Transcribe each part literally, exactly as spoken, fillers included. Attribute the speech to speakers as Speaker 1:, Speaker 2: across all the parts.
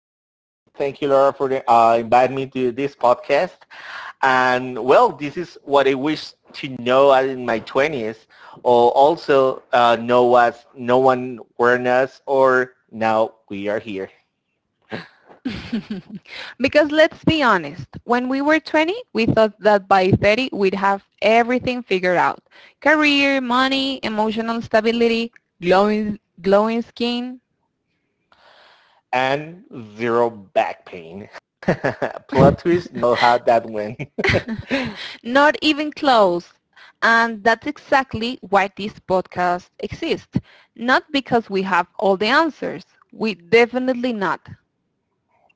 Speaker 1: Sebastian right here. Thank you, Laura, for the, uh, inviting me to this podcast. And well, this is what I wish to know in my twenties, or also uh, know as no one warned us, or now we are here. And zero back pain. Plot twist, know how that went.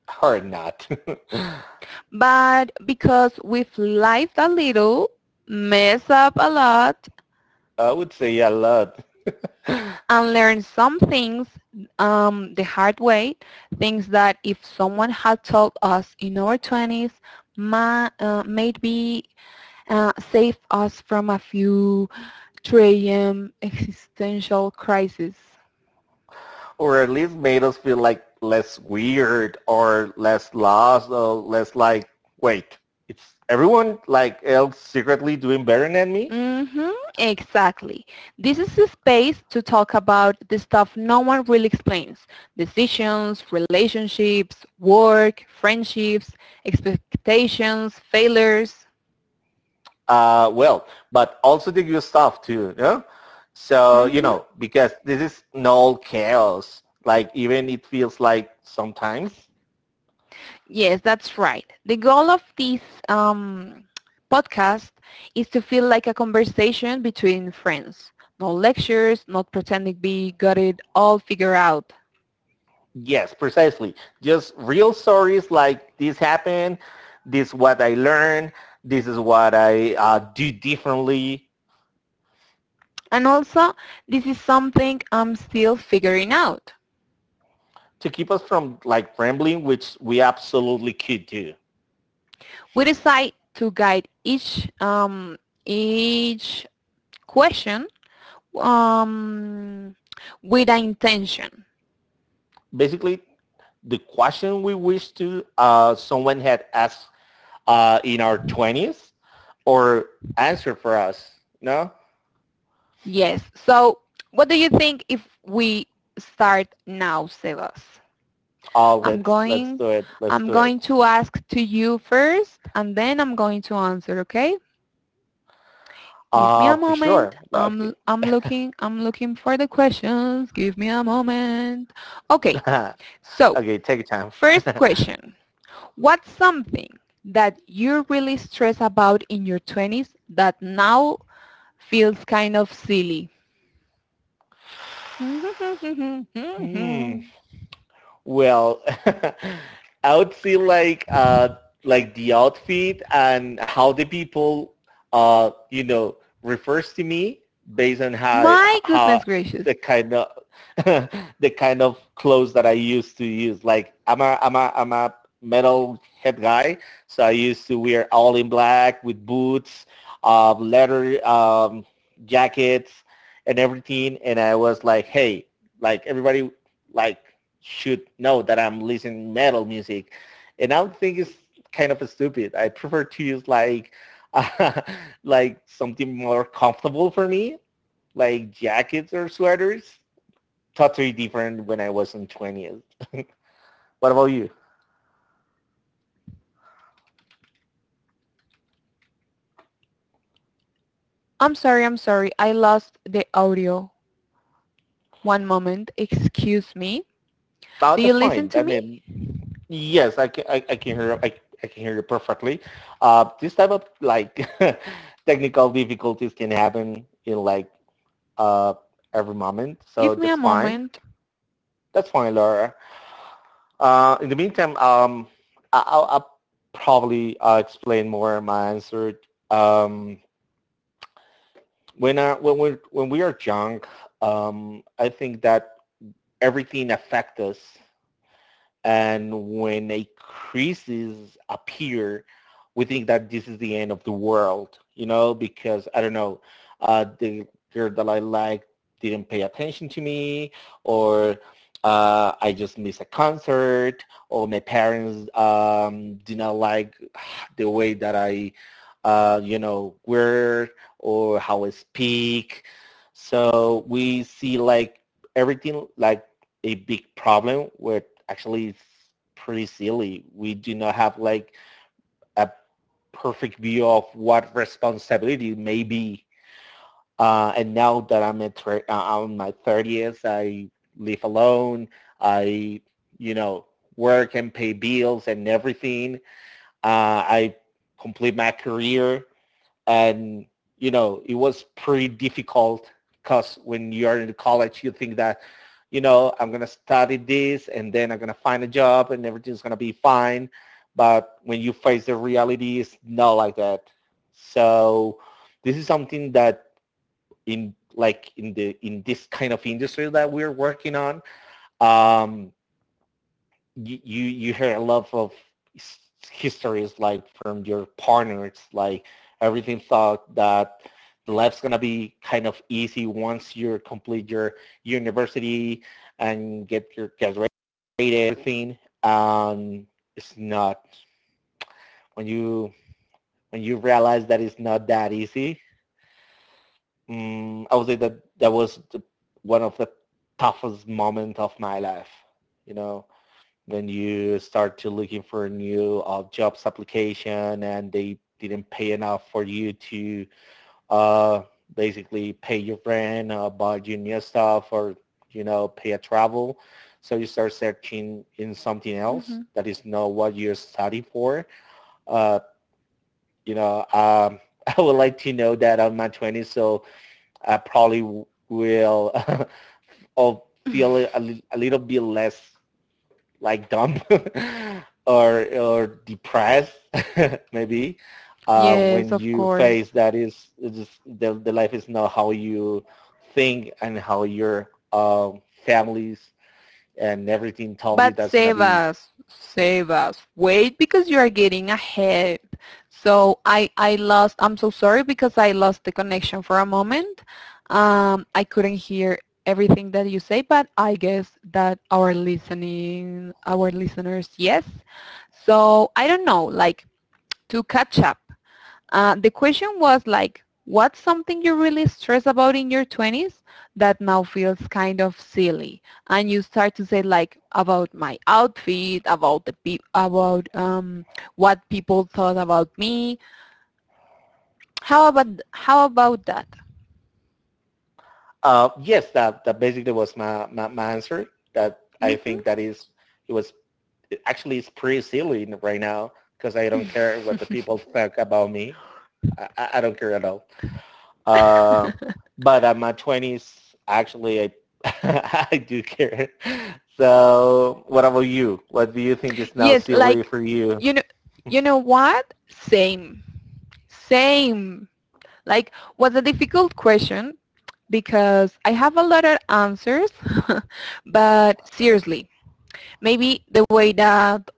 Speaker 1: Or not. I would say a lot. Or at least made us feel like less weird or less lost or less like wait, it's everyone like else secretly doing better than me. Uh well but also the good stuff too, yeah. So you know, because this is null chaos, like even it feels like sometimes. Yes, precisely. Just real stories, like this happened, this is what I learned, this is what I uh, do differently. To keep us from like rambling, which we absolutely could do. Basically, the question we wish to uh, someone had asked uh, in our twenties, or answer for us. No. Oh, let's let's do it. Let's do it. Uh, for sure. Okay. Okay, take your time. Hmm. Well, I would see like uh like the outfit and how the people uh you know refers to me based on how how the kind of the kind of clothes that I used to use. Like I'm a I'm a I'm a metal head guy, so I used to wear all in black with boots, uh, leather um, jackets, and everything. And I was like, hey, like everybody like should know that I'm listening metal music. And I would think it's kind of stupid. I prefer to use like uh, like something more comfortable for me, like jackets or sweaters. Totally different when I was in twenties. What about you? Oh, that's fine. I mean, yes, I can, I, I can hear I, I can hear you perfectly. Uh, this type of like technical difficulties can happen in like uh, every moment, so that's fine. That's fine, Laura. Uh, in the meantime, um, I- will I'll probably uh, explain more my answer. Um, when I, when we when we are young, um, I think that everything affects us, and when a crisis appears, we think that this is the end of the world, you know, because I don't know, uh, the girl that I like didn't pay attention to me, or uh, I just missed a concert, or my parents um, did not like the way that I, uh, you know, wear or how I speak. So we see like everything like a big problem where actually it's pretty silly. We do not have like a perfect view of what responsibility may be. Uh, and now that I'm at thir- uh, on my thirties, I live alone. I, you know, work and pay bills and everything. Uh, I complete my career, and you know it was pretty difficult because when you're in college you think that, you know, I'm going to study this and then I'm going to find a job and everything's going to be fine. But when you face the reality, it's not like that. So this is something that in like in the in this kind of industry that we're working on, um, you you, you hear a lot of histories like from your partners, like everything thought that the life's gonna be kind of easy once you complete your university and get your graduated everything. Um, it's not when you when you realize that it's not that easy. Mm, I would say that that was the, one of the toughest moments of my life. You know, then you start to looking for new uh, jobs application and they didn't pay enough for you to uh, basically pay your rent, uh, buy your new stuff, or you know pay a travel. So you start searching in something else
Speaker 2: Hmm.
Speaker 1: that is not what you're studying for. Uh, you know, um, I would like to know that on my twenties, so I probably will I'll feel a, a little bit less like dumb or or depressed maybe uh,
Speaker 2: Yes,
Speaker 1: when
Speaker 2: of
Speaker 1: you
Speaker 2: course.
Speaker 1: face that is just the, the life is not how you think and how your um, families and everything told you
Speaker 2: But
Speaker 1: that's gonna
Speaker 2: save
Speaker 1: be.
Speaker 2: us, save us. Wait, because you are getting ahead. So I, I lost, I'm so sorry because I lost the connection for a moment. Um, I couldn't hear everything that you say, but I guess that our listening, our listeners, yes. So I don't know, like to catch up. Uh, the question was like, what's something you really stress about in your twenties that now feels kind of silly? And you start to say like about my outfit, about the pe- about um, what people thought about me. How about how about that?
Speaker 1: Uh, yes, that that basically was my, my my answer. That I think
Speaker 2: Hmm.
Speaker 1: that is it was actually it's pretty silly right now because I don't care what the people think about me. I, I don't care at all. Uh, but at my twenties, actually, I, I do care. So what about you? What do you think is now
Speaker 2: Yes,
Speaker 1: silly
Speaker 2: like
Speaker 1: for you?
Speaker 2: you know, you know what? Same, same. Like, was a difficult question because I have a lot of answers, but seriously, maybe the way that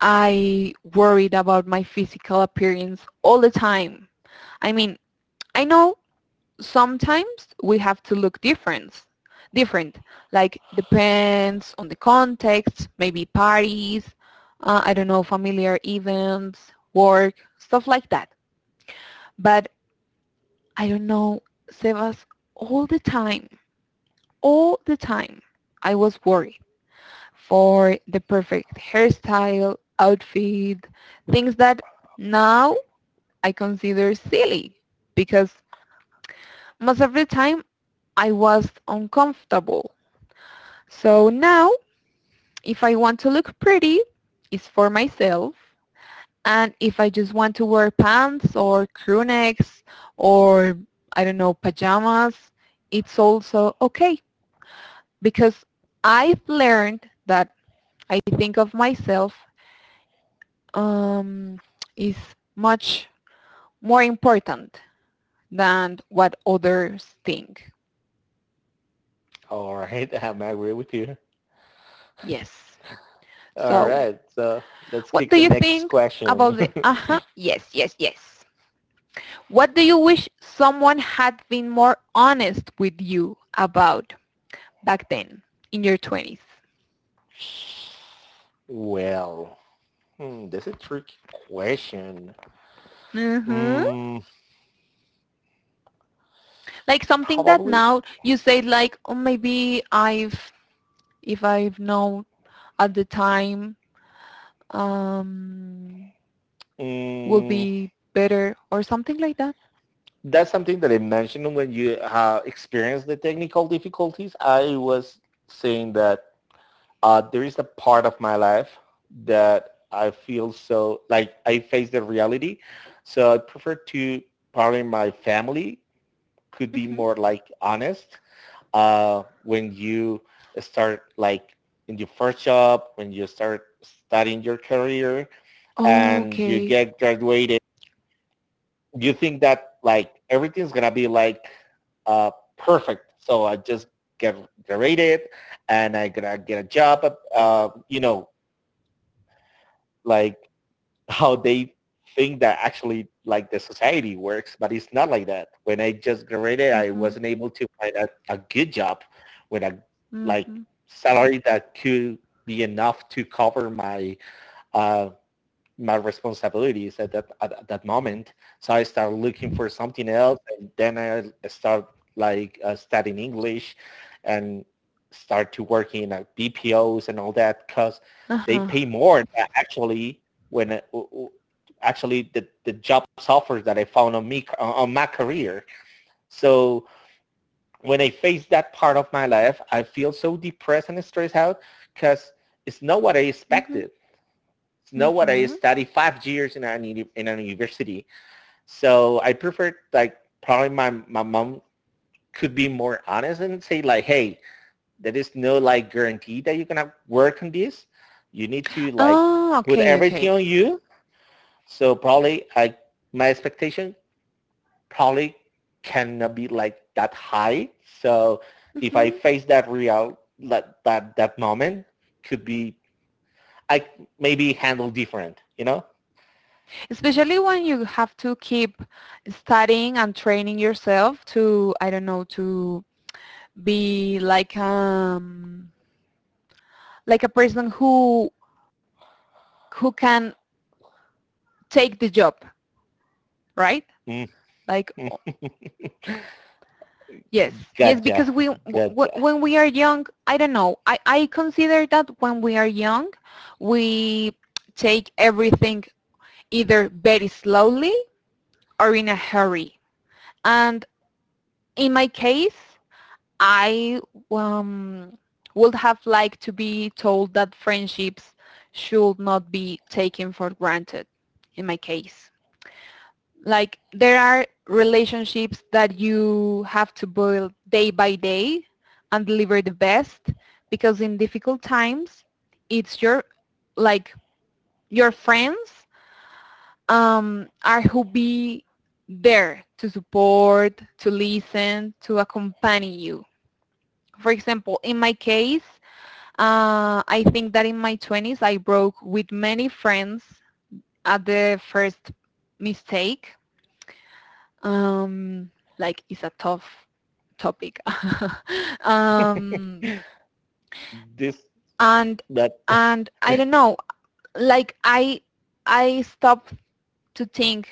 Speaker 2: I worried about my physical appearance all the time. I mean, I know sometimes we have to look different, different, like depends on the context, maybe parties, uh, I don't know, familiar events, work, stuff like that. But I don't know, Sebas, all the time, all the time, I was worried. for the perfect hairstyle, outfit, things that now I consider silly because most of the time I was uncomfortable. So now if I want to look pretty, it's for myself. And if I just want to wear pants or crew necks or, I don't know, pajamas, it's also okay because I've learned that I think of myself um, is much more important than what others think.
Speaker 1: All right, I'm agree with you.
Speaker 2: Yes.
Speaker 1: All
Speaker 2: So,
Speaker 1: right, so let's
Speaker 2: what
Speaker 1: kick
Speaker 2: do
Speaker 1: the
Speaker 2: you
Speaker 1: next
Speaker 2: think
Speaker 1: question.
Speaker 2: about the aha? Uh-huh. Yes, yes, yes. What do you wish someone had been more honest with you about back then in your twenties?
Speaker 1: Well, hmm, that's a tricky question.
Speaker 2: Hmm.
Speaker 1: Mm,
Speaker 2: Like something that
Speaker 1: probably.
Speaker 2: now you say like, oh, maybe I've, if I've known at the time, um, will
Speaker 1: Mm,
Speaker 2: be better or something like that.
Speaker 1: that's something that I mentioned when you uh, experienced the technical difficulties. I was saying that uh, there is a part of my life that I feel so like I face the reality. So I prefer to probably my family could be
Speaker 2: Mhm.
Speaker 1: more like honest uh, when you start like in your first job, when you start studying your career
Speaker 2: Oh,
Speaker 1: and you
Speaker 2: okay.
Speaker 1: get graduated. You think that like everything's gonna be like uh, perfect. So I just get graduated and I gonna get a job. Uh, you know, like how they think that actually like the society works, but it's not like that. When I just graduated, I
Speaker 2: Mhm,
Speaker 1: wasn't able to find a, a good job with a like
Speaker 2: mhm.
Speaker 1: salary that could be enough to cover my uh, my responsibilities at that at, at that moment. So I started looking for something else, and then I start like uh, studying English, and start to working at B P Os and all that because they
Speaker 2: Uh-huh.
Speaker 1: pay more actually when uh, actually the, the job offers that I found on me on my career. So when I face that part of my life, I feel so depressed and stressed out because it's not what I
Speaker 2: Mhm,
Speaker 1: expected know what I
Speaker 2: mhm.
Speaker 1: study five years in an in an university. So I prefer like probably my my mom could be more honest and say like, hey, there is no like guarantee that you're gonna work on this. You need to like
Speaker 2: Oh,
Speaker 1: put
Speaker 2: okay,
Speaker 1: everything
Speaker 2: okay.
Speaker 1: on you. So probably I my expectation probably cannot be like that high. So if I
Speaker 2: Mhm.
Speaker 1: face that real that that, that moment could be I maybe handle different, you know?
Speaker 2: Especially when you have to keep studying and training yourself to, I don't know, to be like um like a person who who can take the job, right?
Speaker 1: Mm-hmm.
Speaker 2: Like, yes, yes,
Speaker 1: Gotcha,
Speaker 2: because we w-
Speaker 1: gotcha.
Speaker 2: when we are young, I don't know. I, I consider that when we are young, we take everything either very slowly or in a hurry. And in my case, I um, would have liked to be told that friendships should not be taken for granted in my case. Like, there are relationships that you have to build day by day and deliver the best, because in difficult times it's your like your friends um, are who be there to support, to listen, to accompany you. For example, in my case, uh, I think that in my twenties I broke with many friends at the first mistake. Um, like, it's a tough topic. um,
Speaker 1: This
Speaker 2: and
Speaker 1: that
Speaker 2: and I don't know, like I I stop to think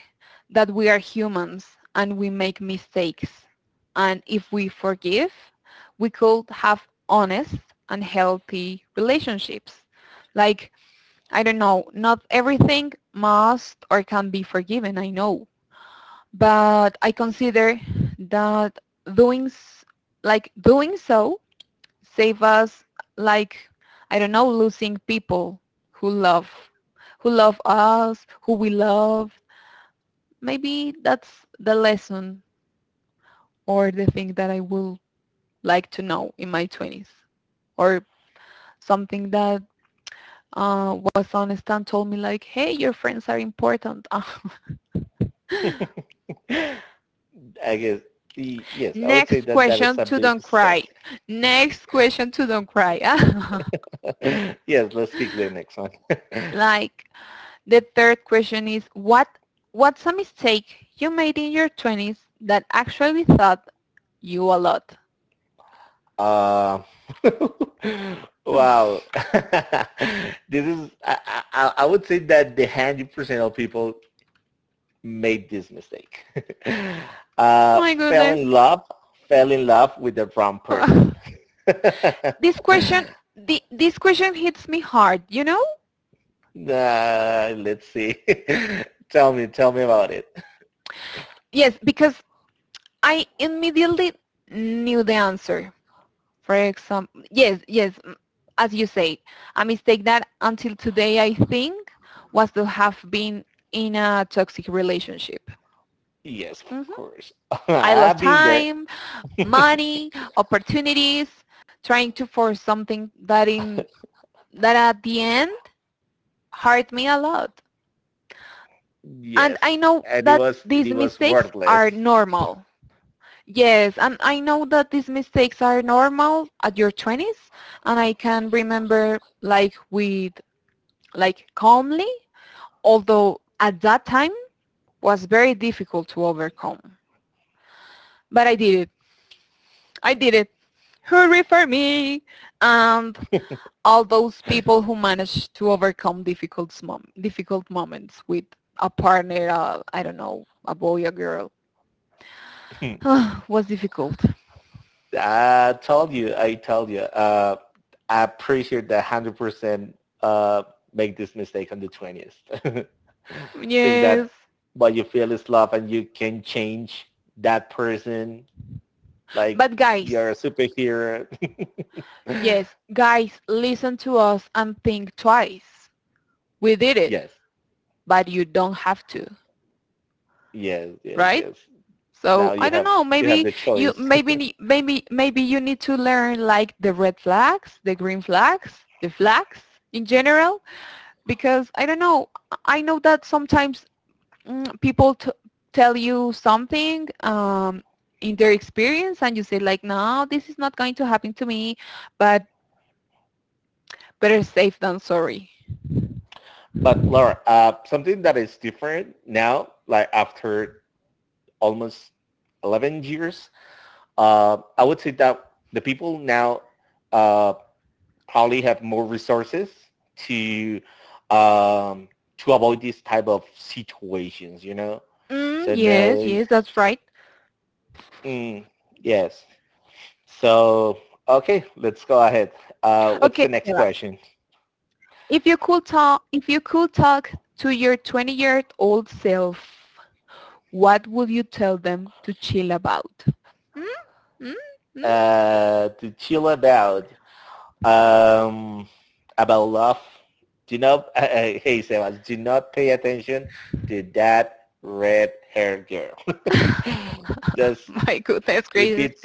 Speaker 2: that we are humans and we make mistakes. And if we forgive, we could have honest and healthy relationships. Like, I don't know, not everything must or can be forgiven, I know. But I consider that doing like doing so save us, like, I don't know, losing people who love who love us, who we love. Maybe that's the lesson or the thing that I will like to know in my twenties, or something that uh, was honest and told me like, hey, your friends are important.
Speaker 1: I guess y- yes, I would say
Speaker 2: Next
Speaker 1: that that is
Speaker 2: question
Speaker 1: a
Speaker 2: to
Speaker 1: big
Speaker 2: don't
Speaker 1: step.
Speaker 2: cry. Next question to don't cry.
Speaker 1: Yes, let's kick the next one.
Speaker 2: Like, the third question is what what's a mistake you made in your twenties that actually taught you a lot?
Speaker 1: uh, wow, this is I, I I would say that the one hundred percent of people made this mistake. Uh,
Speaker 2: My
Speaker 1: fell
Speaker 2: goodness.
Speaker 1: in love, fell in love with the wrong person.
Speaker 2: this question the, this question hits me hard, you know?
Speaker 1: Uh, let's see. Tell me, tell me about it.
Speaker 2: Yes, because I immediately knew the answer. For example, yes, yes, as you say, a mistake that until today I think was to have been in a toxic relationship.
Speaker 1: Yes, of
Speaker 2: Hmm.
Speaker 1: course.
Speaker 2: I lost
Speaker 1: I've been there.
Speaker 2: time, money, opportunities, trying to force something that in that at the end hurt me a lot. And
Speaker 1: Yes,
Speaker 2: I know
Speaker 1: and it
Speaker 2: that
Speaker 1: was
Speaker 2: these
Speaker 1: it was
Speaker 2: mistakes
Speaker 1: worthless.
Speaker 2: are normal. Yes, and I know that these mistakes are normal at your twenties, and I can remember, like, with like calmly, although at that time was very difficult to overcome. But I did it. I did it. Hooray for me! And all those people who manage to overcome difficult mom- difficult moments with a partner, uh, I don't know, a boy, a girl, was difficult.
Speaker 1: I told you, I told you. Uh, I'm pretty sure that hundred percent uh make this mistake on the twentieth. Think
Speaker 2: Yes,
Speaker 1: that what you feel is love, and you can change that person. Like
Speaker 2: but
Speaker 1: you're
Speaker 2: guys,
Speaker 1: a superhero.
Speaker 2: yes, guys, listen to us and think twice. We did it,
Speaker 1: yes,
Speaker 2: but you don't have to,
Speaker 1: yes, yes,
Speaker 2: right?
Speaker 1: yes. Now
Speaker 2: So
Speaker 1: you
Speaker 2: I don't
Speaker 1: have
Speaker 2: know.
Speaker 1: you have
Speaker 2: Maybe
Speaker 1: the
Speaker 2: you,
Speaker 1: choice.
Speaker 2: maybe, maybe, maybe you need to learn, like, the red flags, the green flags, the flags in general, because I don't know. I know that sometimes mm, people t- tell you something, um, in their experience, and you say like, no, this is not going to happen to me, but better safe than sorry.
Speaker 1: But Laura, uh, something that is different now, like after almost eleven years, uh, I would say that the people now uh, probably have more resources to um, to avoid these type of situations. You know,
Speaker 2: Mm,
Speaker 1: so
Speaker 2: yes,
Speaker 1: no,
Speaker 2: yes, that's right.
Speaker 1: mm, yes. So okay, let's go ahead. Uh, what's
Speaker 2: Okay,
Speaker 1: the next
Speaker 2: Seba,
Speaker 1: question?
Speaker 2: if you could talk, if you could talk to your twenty year old self, what would you tell them to chill about? Mm? Mm?
Speaker 1: Uh, to chill about um, about love. Do not, uh, uh, hey Sebas, do not pay attention to that red-haired girl. Just
Speaker 2: Mm? My goodness
Speaker 1: keep
Speaker 2: gracious.
Speaker 1: it,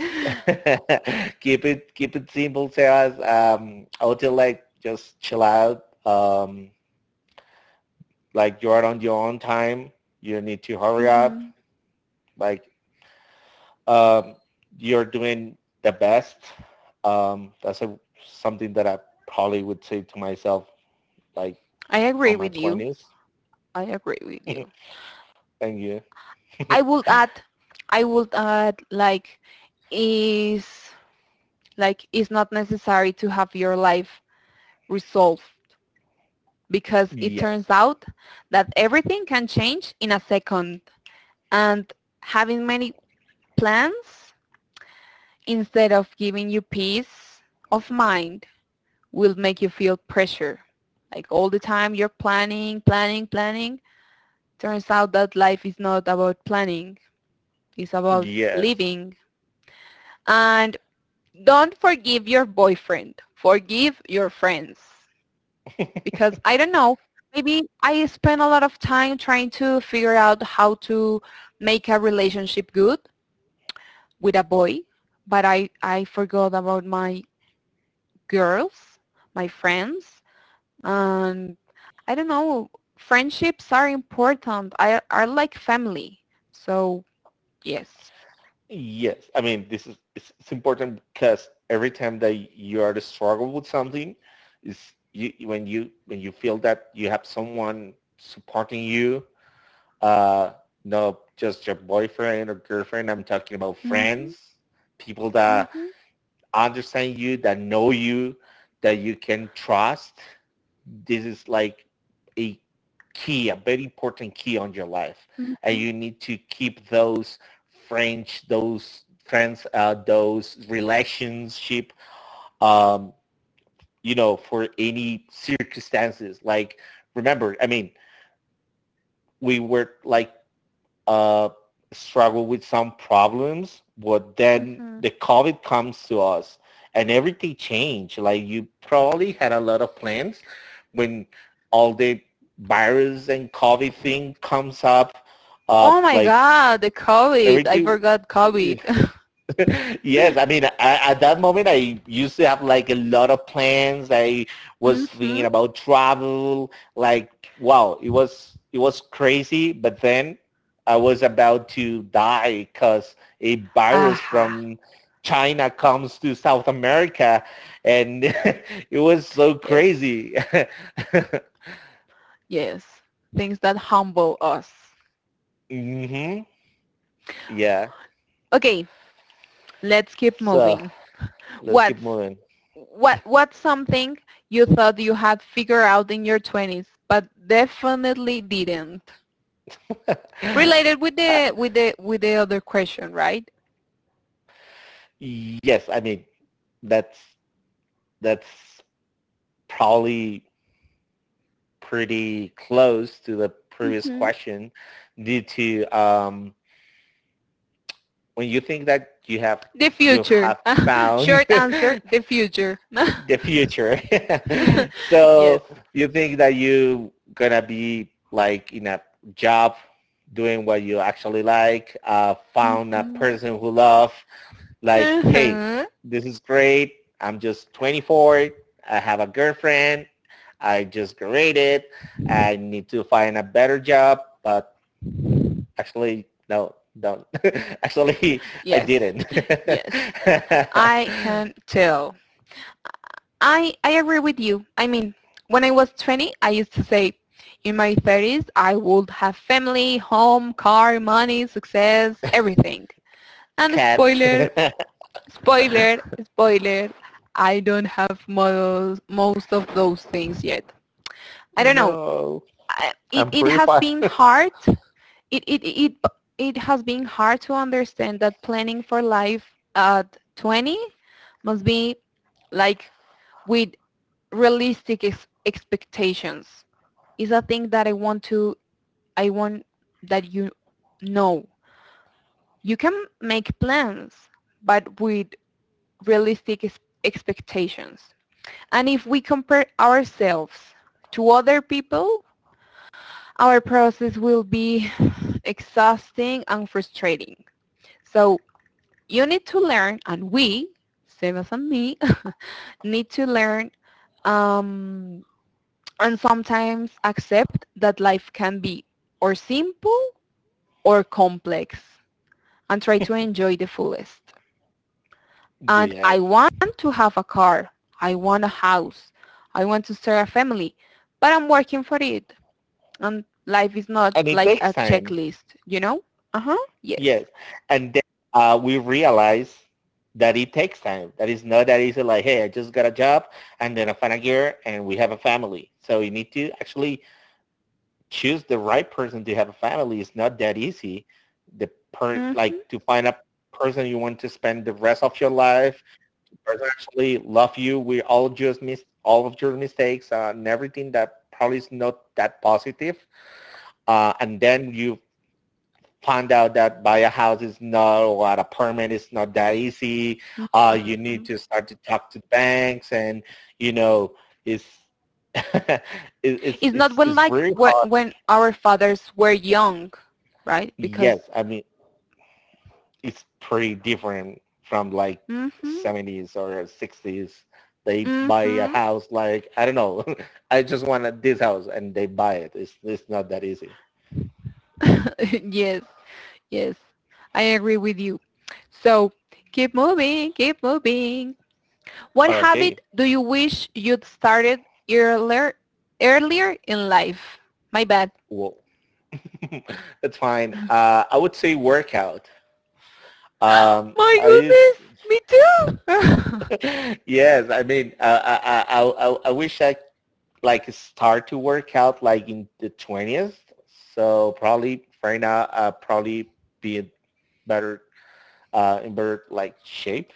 Speaker 1: keep it, keep it simple, Sebas. Um, I would say like just chill out. Um, like you're on your own time. You need to hurry up.
Speaker 2: Hmm.
Speaker 1: Like um, you're doing the best. Um, that's a, something that I probably would say to myself. Like
Speaker 2: I agree
Speaker 1: on my
Speaker 2: with you.
Speaker 1: twenties.
Speaker 2: I agree with
Speaker 1: Thank
Speaker 2: you.
Speaker 1: you.
Speaker 2: I would add, I would add like, is like it's not necessary to have your life resolved, because it turns
Speaker 1: Yes.
Speaker 2: out that everything can change in a second, and having many plans instead of giving you peace of mind will make you feel pressure, like all the time you're planning, planning, planning. Turns out that life is not about planning, it's about
Speaker 1: Yes.
Speaker 2: living. And don't forgive your boyfriend. Forgive your friends. Because I don't know, maybe I spend a lot of time trying to figure out how to make a relationship good with a boy, but I, I forgot about my girls, my friends, and I don't know, friendships are important. I are like family. So yes.
Speaker 1: Yes. I mean, this is it's, it's important because every time that you are to struggle with something, is you when you when you feel that you have someone supporting you. Uh, no, just your boyfriend or girlfriend. I'm talking about
Speaker 2: Mm-hmm,
Speaker 1: friends, people that
Speaker 2: mm-hmm,
Speaker 1: understand you, that know you, that you can trust. This is like a key, a very important key on your life, and
Speaker 2: mm-hmm,
Speaker 1: you need to keep those French, those friends, uh, those relationship, um, you know, for any circumstances. Like, remember, I mean, we were like uh, struggle with some problems, but then
Speaker 2: mm-hmm.
Speaker 1: the COVID comes to us and everything changed. Like you probably had a lot of plans when all the virus and COVID thing comes up, uh,
Speaker 2: Oh my
Speaker 1: like
Speaker 2: God, the COVID! I
Speaker 1: everything,
Speaker 2: forgot
Speaker 1: eh,
Speaker 2: COVID.
Speaker 1: yes, I mean, I, at that moment, I used to have like a lot of plans. I was
Speaker 2: Mm-hmm.
Speaker 1: thinking about travel. Like, wow, it was it was crazy. But then I was about to die because a virus
Speaker 2: Aha.
Speaker 1: from China comes to South America, and it was so
Speaker 2: Yes.
Speaker 1: crazy.
Speaker 2: Yes. Things that humble us.
Speaker 1: hmm Yeah.
Speaker 2: Okay, let's keep
Speaker 1: So
Speaker 2: moving.
Speaker 1: let's keep
Speaker 2: What's
Speaker 1: moving.
Speaker 2: what what's something you thought you had figured out in your twenties but definitely didn't, related with
Speaker 1: Uh,
Speaker 2: the with the with the other question, right?
Speaker 1: yes, I mean, that's that's probably pretty close to the previous
Speaker 2: Mm-hmm.
Speaker 1: question due to um, when you think that you have
Speaker 2: The
Speaker 1: you
Speaker 2: future.
Speaker 1: have found
Speaker 2: Short answer, the future.
Speaker 1: the future
Speaker 2: Yes.
Speaker 1: so you think that you gonna be like in a job doing what you actually like, uh, found a
Speaker 2: Hmm.
Speaker 1: person who love like, hey,
Speaker 2: Uh-huh.
Speaker 1: this is great. I'm just twenty-four. I have a girlfriend. I just graduated. I need to find a better job. But actually, no, don't. Actually, I
Speaker 2: Yes,
Speaker 1: didn't.
Speaker 2: yes, I can tell. I I agree with you. I mean, when I was twenty, I used to say, in my thirties, I would have family, home, car, money, success, everything. And
Speaker 1: Cats.
Speaker 2: spoiler, spoiler, spoiler, I don't have most most of those things yet. I don't know.
Speaker 1: No,
Speaker 2: It
Speaker 1: I'm
Speaker 2: it
Speaker 1: pretty
Speaker 2: has
Speaker 1: far.
Speaker 2: been hard. It it it it has been hard to understand that planning for life at twenty must be like with realistic ex- expectations, is a thing that I want to I want that you know. You can make plans, but with realistic ex- expectations. And if we compare ourselves to other people, our process will be exhausting and frustrating. So you need to learn, and we, Sebas and me, need to learn, um, and sometimes accept that life can be or simple or complex and try to enjoy the fullest. And
Speaker 1: Yeah.
Speaker 2: I want to have a car. I want a house. I want to start a family. But I'm working for it. And life is not
Speaker 1: And it
Speaker 2: like
Speaker 1: takes
Speaker 2: a
Speaker 1: time.
Speaker 2: checklist, you know? Uh-huh. Yes.
Speaker 1: Yes, and then uh, we realize that it takes time. That it's not that easy. Like, hey, I just got a job, and then I find a girl, and we have a family. So you need to actually choose the right person to have a family. It's not that easy. The per
Speaker 2: Mm-hmm.
Speaker 1: like to find a person you want to spend the rest of your life. Person actually love you. We all just miss all of your mistakes uh, and everything that probably is not that positive. Uh, and then you found out that buy a house is not or a permit is not that easy. Uh, you need
Speaker 2: Mhm.
Speaker 1: to start to talk to banks, and you know, it's it, it's
Speaker 2: It's not
Speaker 1: it's
Speaker 2: well
Speaker 1: it's
Speaker 2: like
Speaker 1: very
Speaker 2: when,
Speaker 1: hard.
Speaker 2: when our fathers were young, right? Because
Speaker 1: Yes, I mean it's pretty different from like
Speaker 2: Mhm,
Speaker 1: seventies or sixties. They buy a
Speaker 2: mhm.
Speaker 1: house like I don't know. I just want this house, and they buy it. It's it's not that easy.
Speaker 2: Yes, yes, I agree with you. So, keep moving, keep moving. What
Speaker 1: Okay,
Speaker 2: habit do you wish you'd started earlier, earlier in life? My bad.
Speaker 1: well, that's fine. Uh, I would say workout. Um,
Speaker 2: My
Speaker 1: I used,
Speaker 2: goodness, me too.
Speaker 1: yes, I mean, I, I, I, I- I wish I like start to work out like in the twentieth. So probably right now, I'll probably be in better, uh, in better like shape.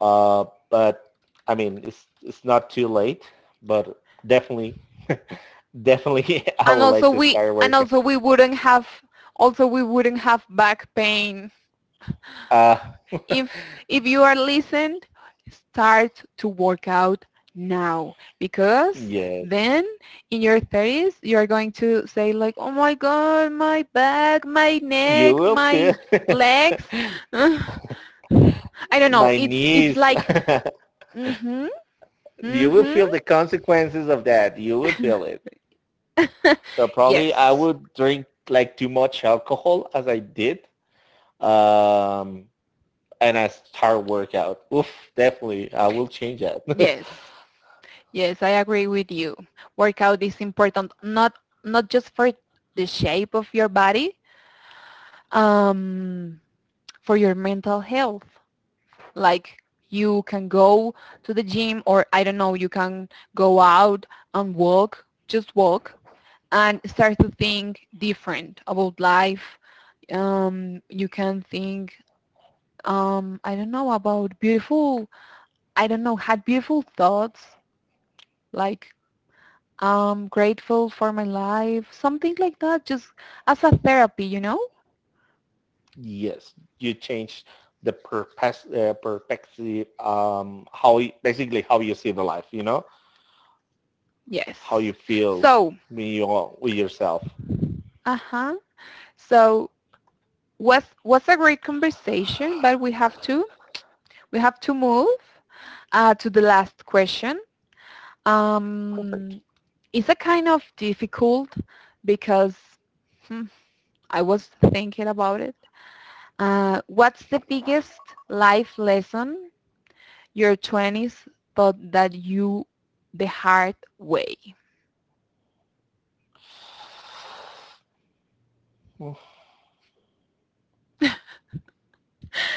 Speaker 1: Uh, but I mean, it's, it's not too late, but definitely, definitely I
Speaker 2: and
Speaker 1: would like
Speaker 2: also
Speaker 1: to
Speaker 2: we
Speaker 1: start
Speaker 2: and
Speaker 1: working.
Speaker 2: also we wouldn't have also we wouldn't have back pain.
Speaker 1: Uh,
Speaker 2: if if you are listened, start to work out now, because
Speaker 1: yes,
Speaker 2: then in your thirties you're going to say like, oh my God, my back, my
Speaker 1: you
Speaker 2: neck,
Speaker 1: will
Speaker 2: my
Speaker 1: feel
Speaker 2: legs. Ugh." I don't know,
Speaker 1: my
Speaker 2: it's it's
Speaker 1: knees.
Speaker 2: like. Mhm.
Speaker 1: You will
Speaker 2: Mhm.
Speaker 1: feel the consequences of that. You will feel it. So probably I
Speaker 2: Yes,
Speaker 1: would drink like too much alcohol as I did. Um, and I start workout. Oof, definitely. I will change that.
Speaker 2: yes, yes, I agree with you. Workout is important, not not just for the shape of your body, um for your mental health, like you can go to the gym, or I don't know, you can go out and walk, just walk, and start to think different about life. Um, you can think, um, I don't know, about beautiful, I don't know, had beautiful thoughts, like, I'm grateful for my life, something like that, just as a therapy, you know?
Speaker 1: Yes, you change the perpes- uh, perspective, um, how y- basically how you see the life, you know, how you
Speaker 2: Yes.
Speaker 1: feel
Speaker 2: So,
Speaker 1: when you are with yourself.
Speaker 2: uh-huh. So, was was a great conversation, but we have to we have to move uh, to the last question.
Speaker 1: Perfect.
Speaker 2: Um, it's a kind of difficult because, hmm, I was thinking about it. Uh, what's the biggest life lesson your twenties taught that you the hard way?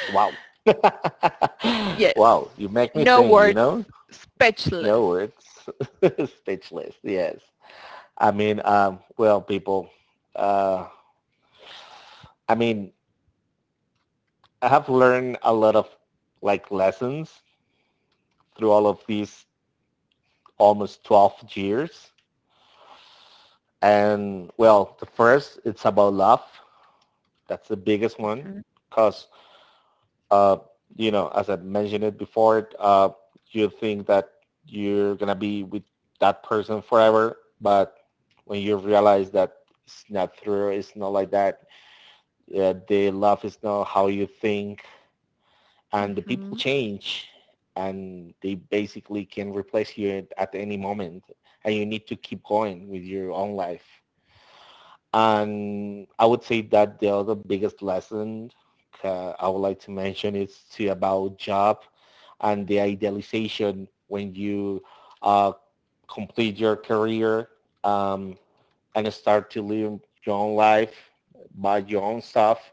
Speaker 1: Wow.
Speaker 2: Yes,
Speaker 1: Wow, you make me
Speaker 2: no
Speaker 1: think, you
Speaker 2: words,
Speaker 1: know?
Speaker 2: speechless.
Speaker 1: No, it's speechless. Yes. I mean, um, well, people, uh, I mean, I have learned a lot of like lessons through all of these almost twelve years. And well, the first, it's about love. That's the biggest one.
Speaker 2: Mhm,
Speaker 1: Cause, uh, you know, as I mentioned it before, uh, you think that you're going to be with that person forever. But when you realize that it's not true, it's not like that, yeah, their love is not how you think, and the people
Speaker 2: mhm,
Speaker 1: change, and they basically can replace you at, at any moment, and you need to keep going with your own life. And I would say that the other biggest lesson uh, I would like to mention is to about job and the idealization when you uh, complete your career, um, and start to live your own life by your own stuff,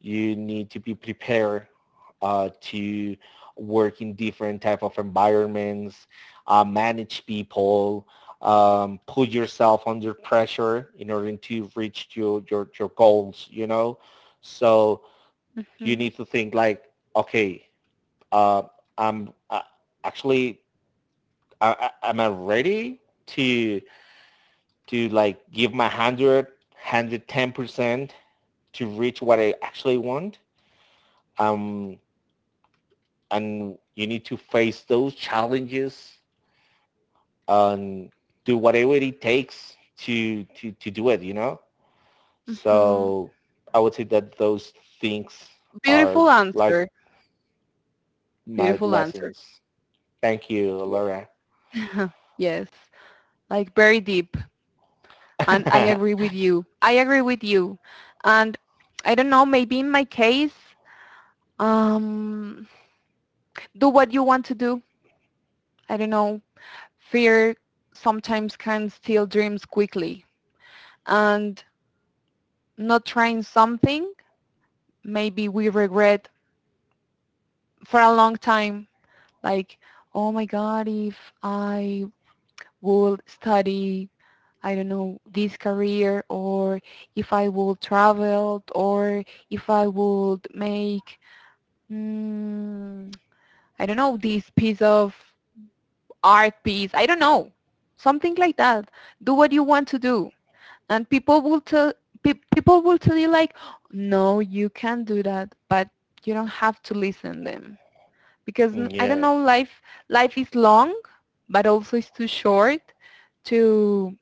Speaker 1: you need to be prepared uh, to work in different type of environments, uh, manage people, um, put yourself under pressure in order to reach your, your, your goals, you know? So you
Speaker 2: mhm,
Speaker 1: need to think like, okay, uh, I'm uh, actually, I, I- am I ready to to like give my one hundred percent to reach what I actually want. Um, and you need to face those challenges and do whatever it takes to, to, to do it, you know?
Speaker 2: mhm.
Speaker 1: So I would say that those things are
Speaker 2: Beautiful
Speaker 1: like
Speaker 2: answer.
Speaker 1: my
Speaker 2: Beautiful answer.
Speaker 1: lessons. Thank you, Laura.
Speaker 2: Yes. Yes, like, very deep. And I agree with you. I agree with you. And I don't know, maybe in my case, um, do what you want to do. I don't know. Fear sometimes can steal dreams quickly. And not trying something, maybe we regret for a long time. Like, oh my God, if I would study, I don't know, this career, or if I would travel, or if I would make, mm, I don't know, this piece of art piece, I don't know, something like that. Do what you want to do, and people will tell pe- people will tell you like, no, you can't do that, but you don't have to listen to them, because I I don't know,
Speaker 1: Yes,
Speaker 2: life life is long, but also it's too short to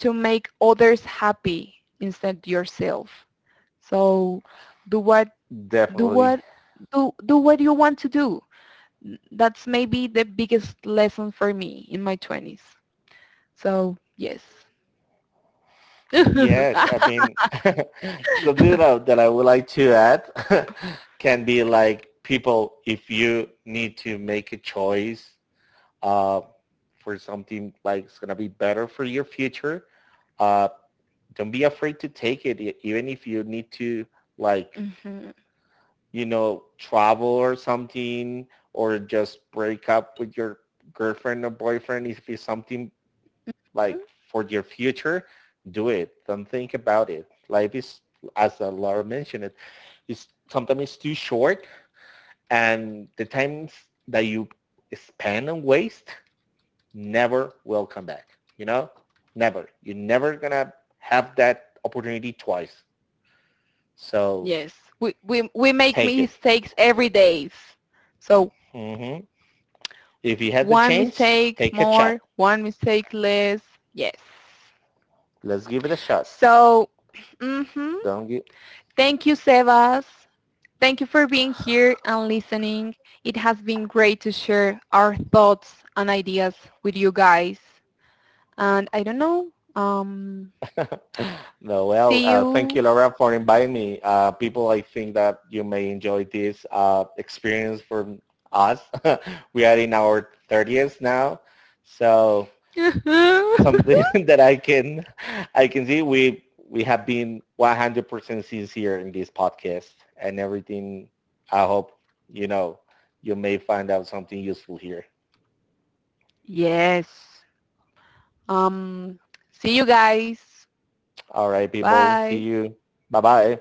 Speaker 2: to make others happy instead yourself. So do what do
Speaker 1: definitely.
Speaker 2: what do do what you want to do. That's maybe the biggest lesson for me in my twenties. So, yes.
Speaker 1: Yes, I mean, something that I, that I would like to add can be like people, if you need to make a choice uh, for something like it's going to be better for your future, uh, don't be afraid to take it, e- even if you need to like,
Speaker 2: Mhm.
Speaker 1: you know, travel or something, or just break up with your girlfriend or boyfriend if it's something like for your future, do it. Don't think about it. Life is, as uh, Laura mentioned it, is sometimes it's too short, and the times that you spend and waste never will come back. You know, never. You're never gonna have that opportunity twice. So
Speaker 2: Yes, we, we, we make
Speaker 1: take it.
Speaker 2: mistakes every day. So,
Speaker 1: Hmm. If you have the
Speaker 2: one
Speaker 1: chance,
Speaker 2: mistake
Speaker 1: take a shot.
Speaker 2: more, one mistake less. Yes.
Speaker 1: Let's give it a shot.
Speaker 2: So, mhm.
Speaker 1: Don't give,
Speaker 2: Thank you, Sebas. Thank you for being here and listening. It has been great to share our thoughts and ideas with you guys. And I don't know. um,
Speaker 1: no, well,
Speaker 2: See
Speaker 1: uh, thank
Speaker 2: you.
Speaker 1: you, Laura, for inviting me. Uh, people, I think that you may enjoy this uh, experience from us. We are in our thirtieth now, so something that I can, I can see we we have been one hundred percent sincere in this podcast and everything. I hope you know you may find out something useful here.
Speaker 2: Yes. Um See you guys.
Speaker 1: All right, people, see
Speaker 2: Bye.
Speaker 1: you. Bye bye.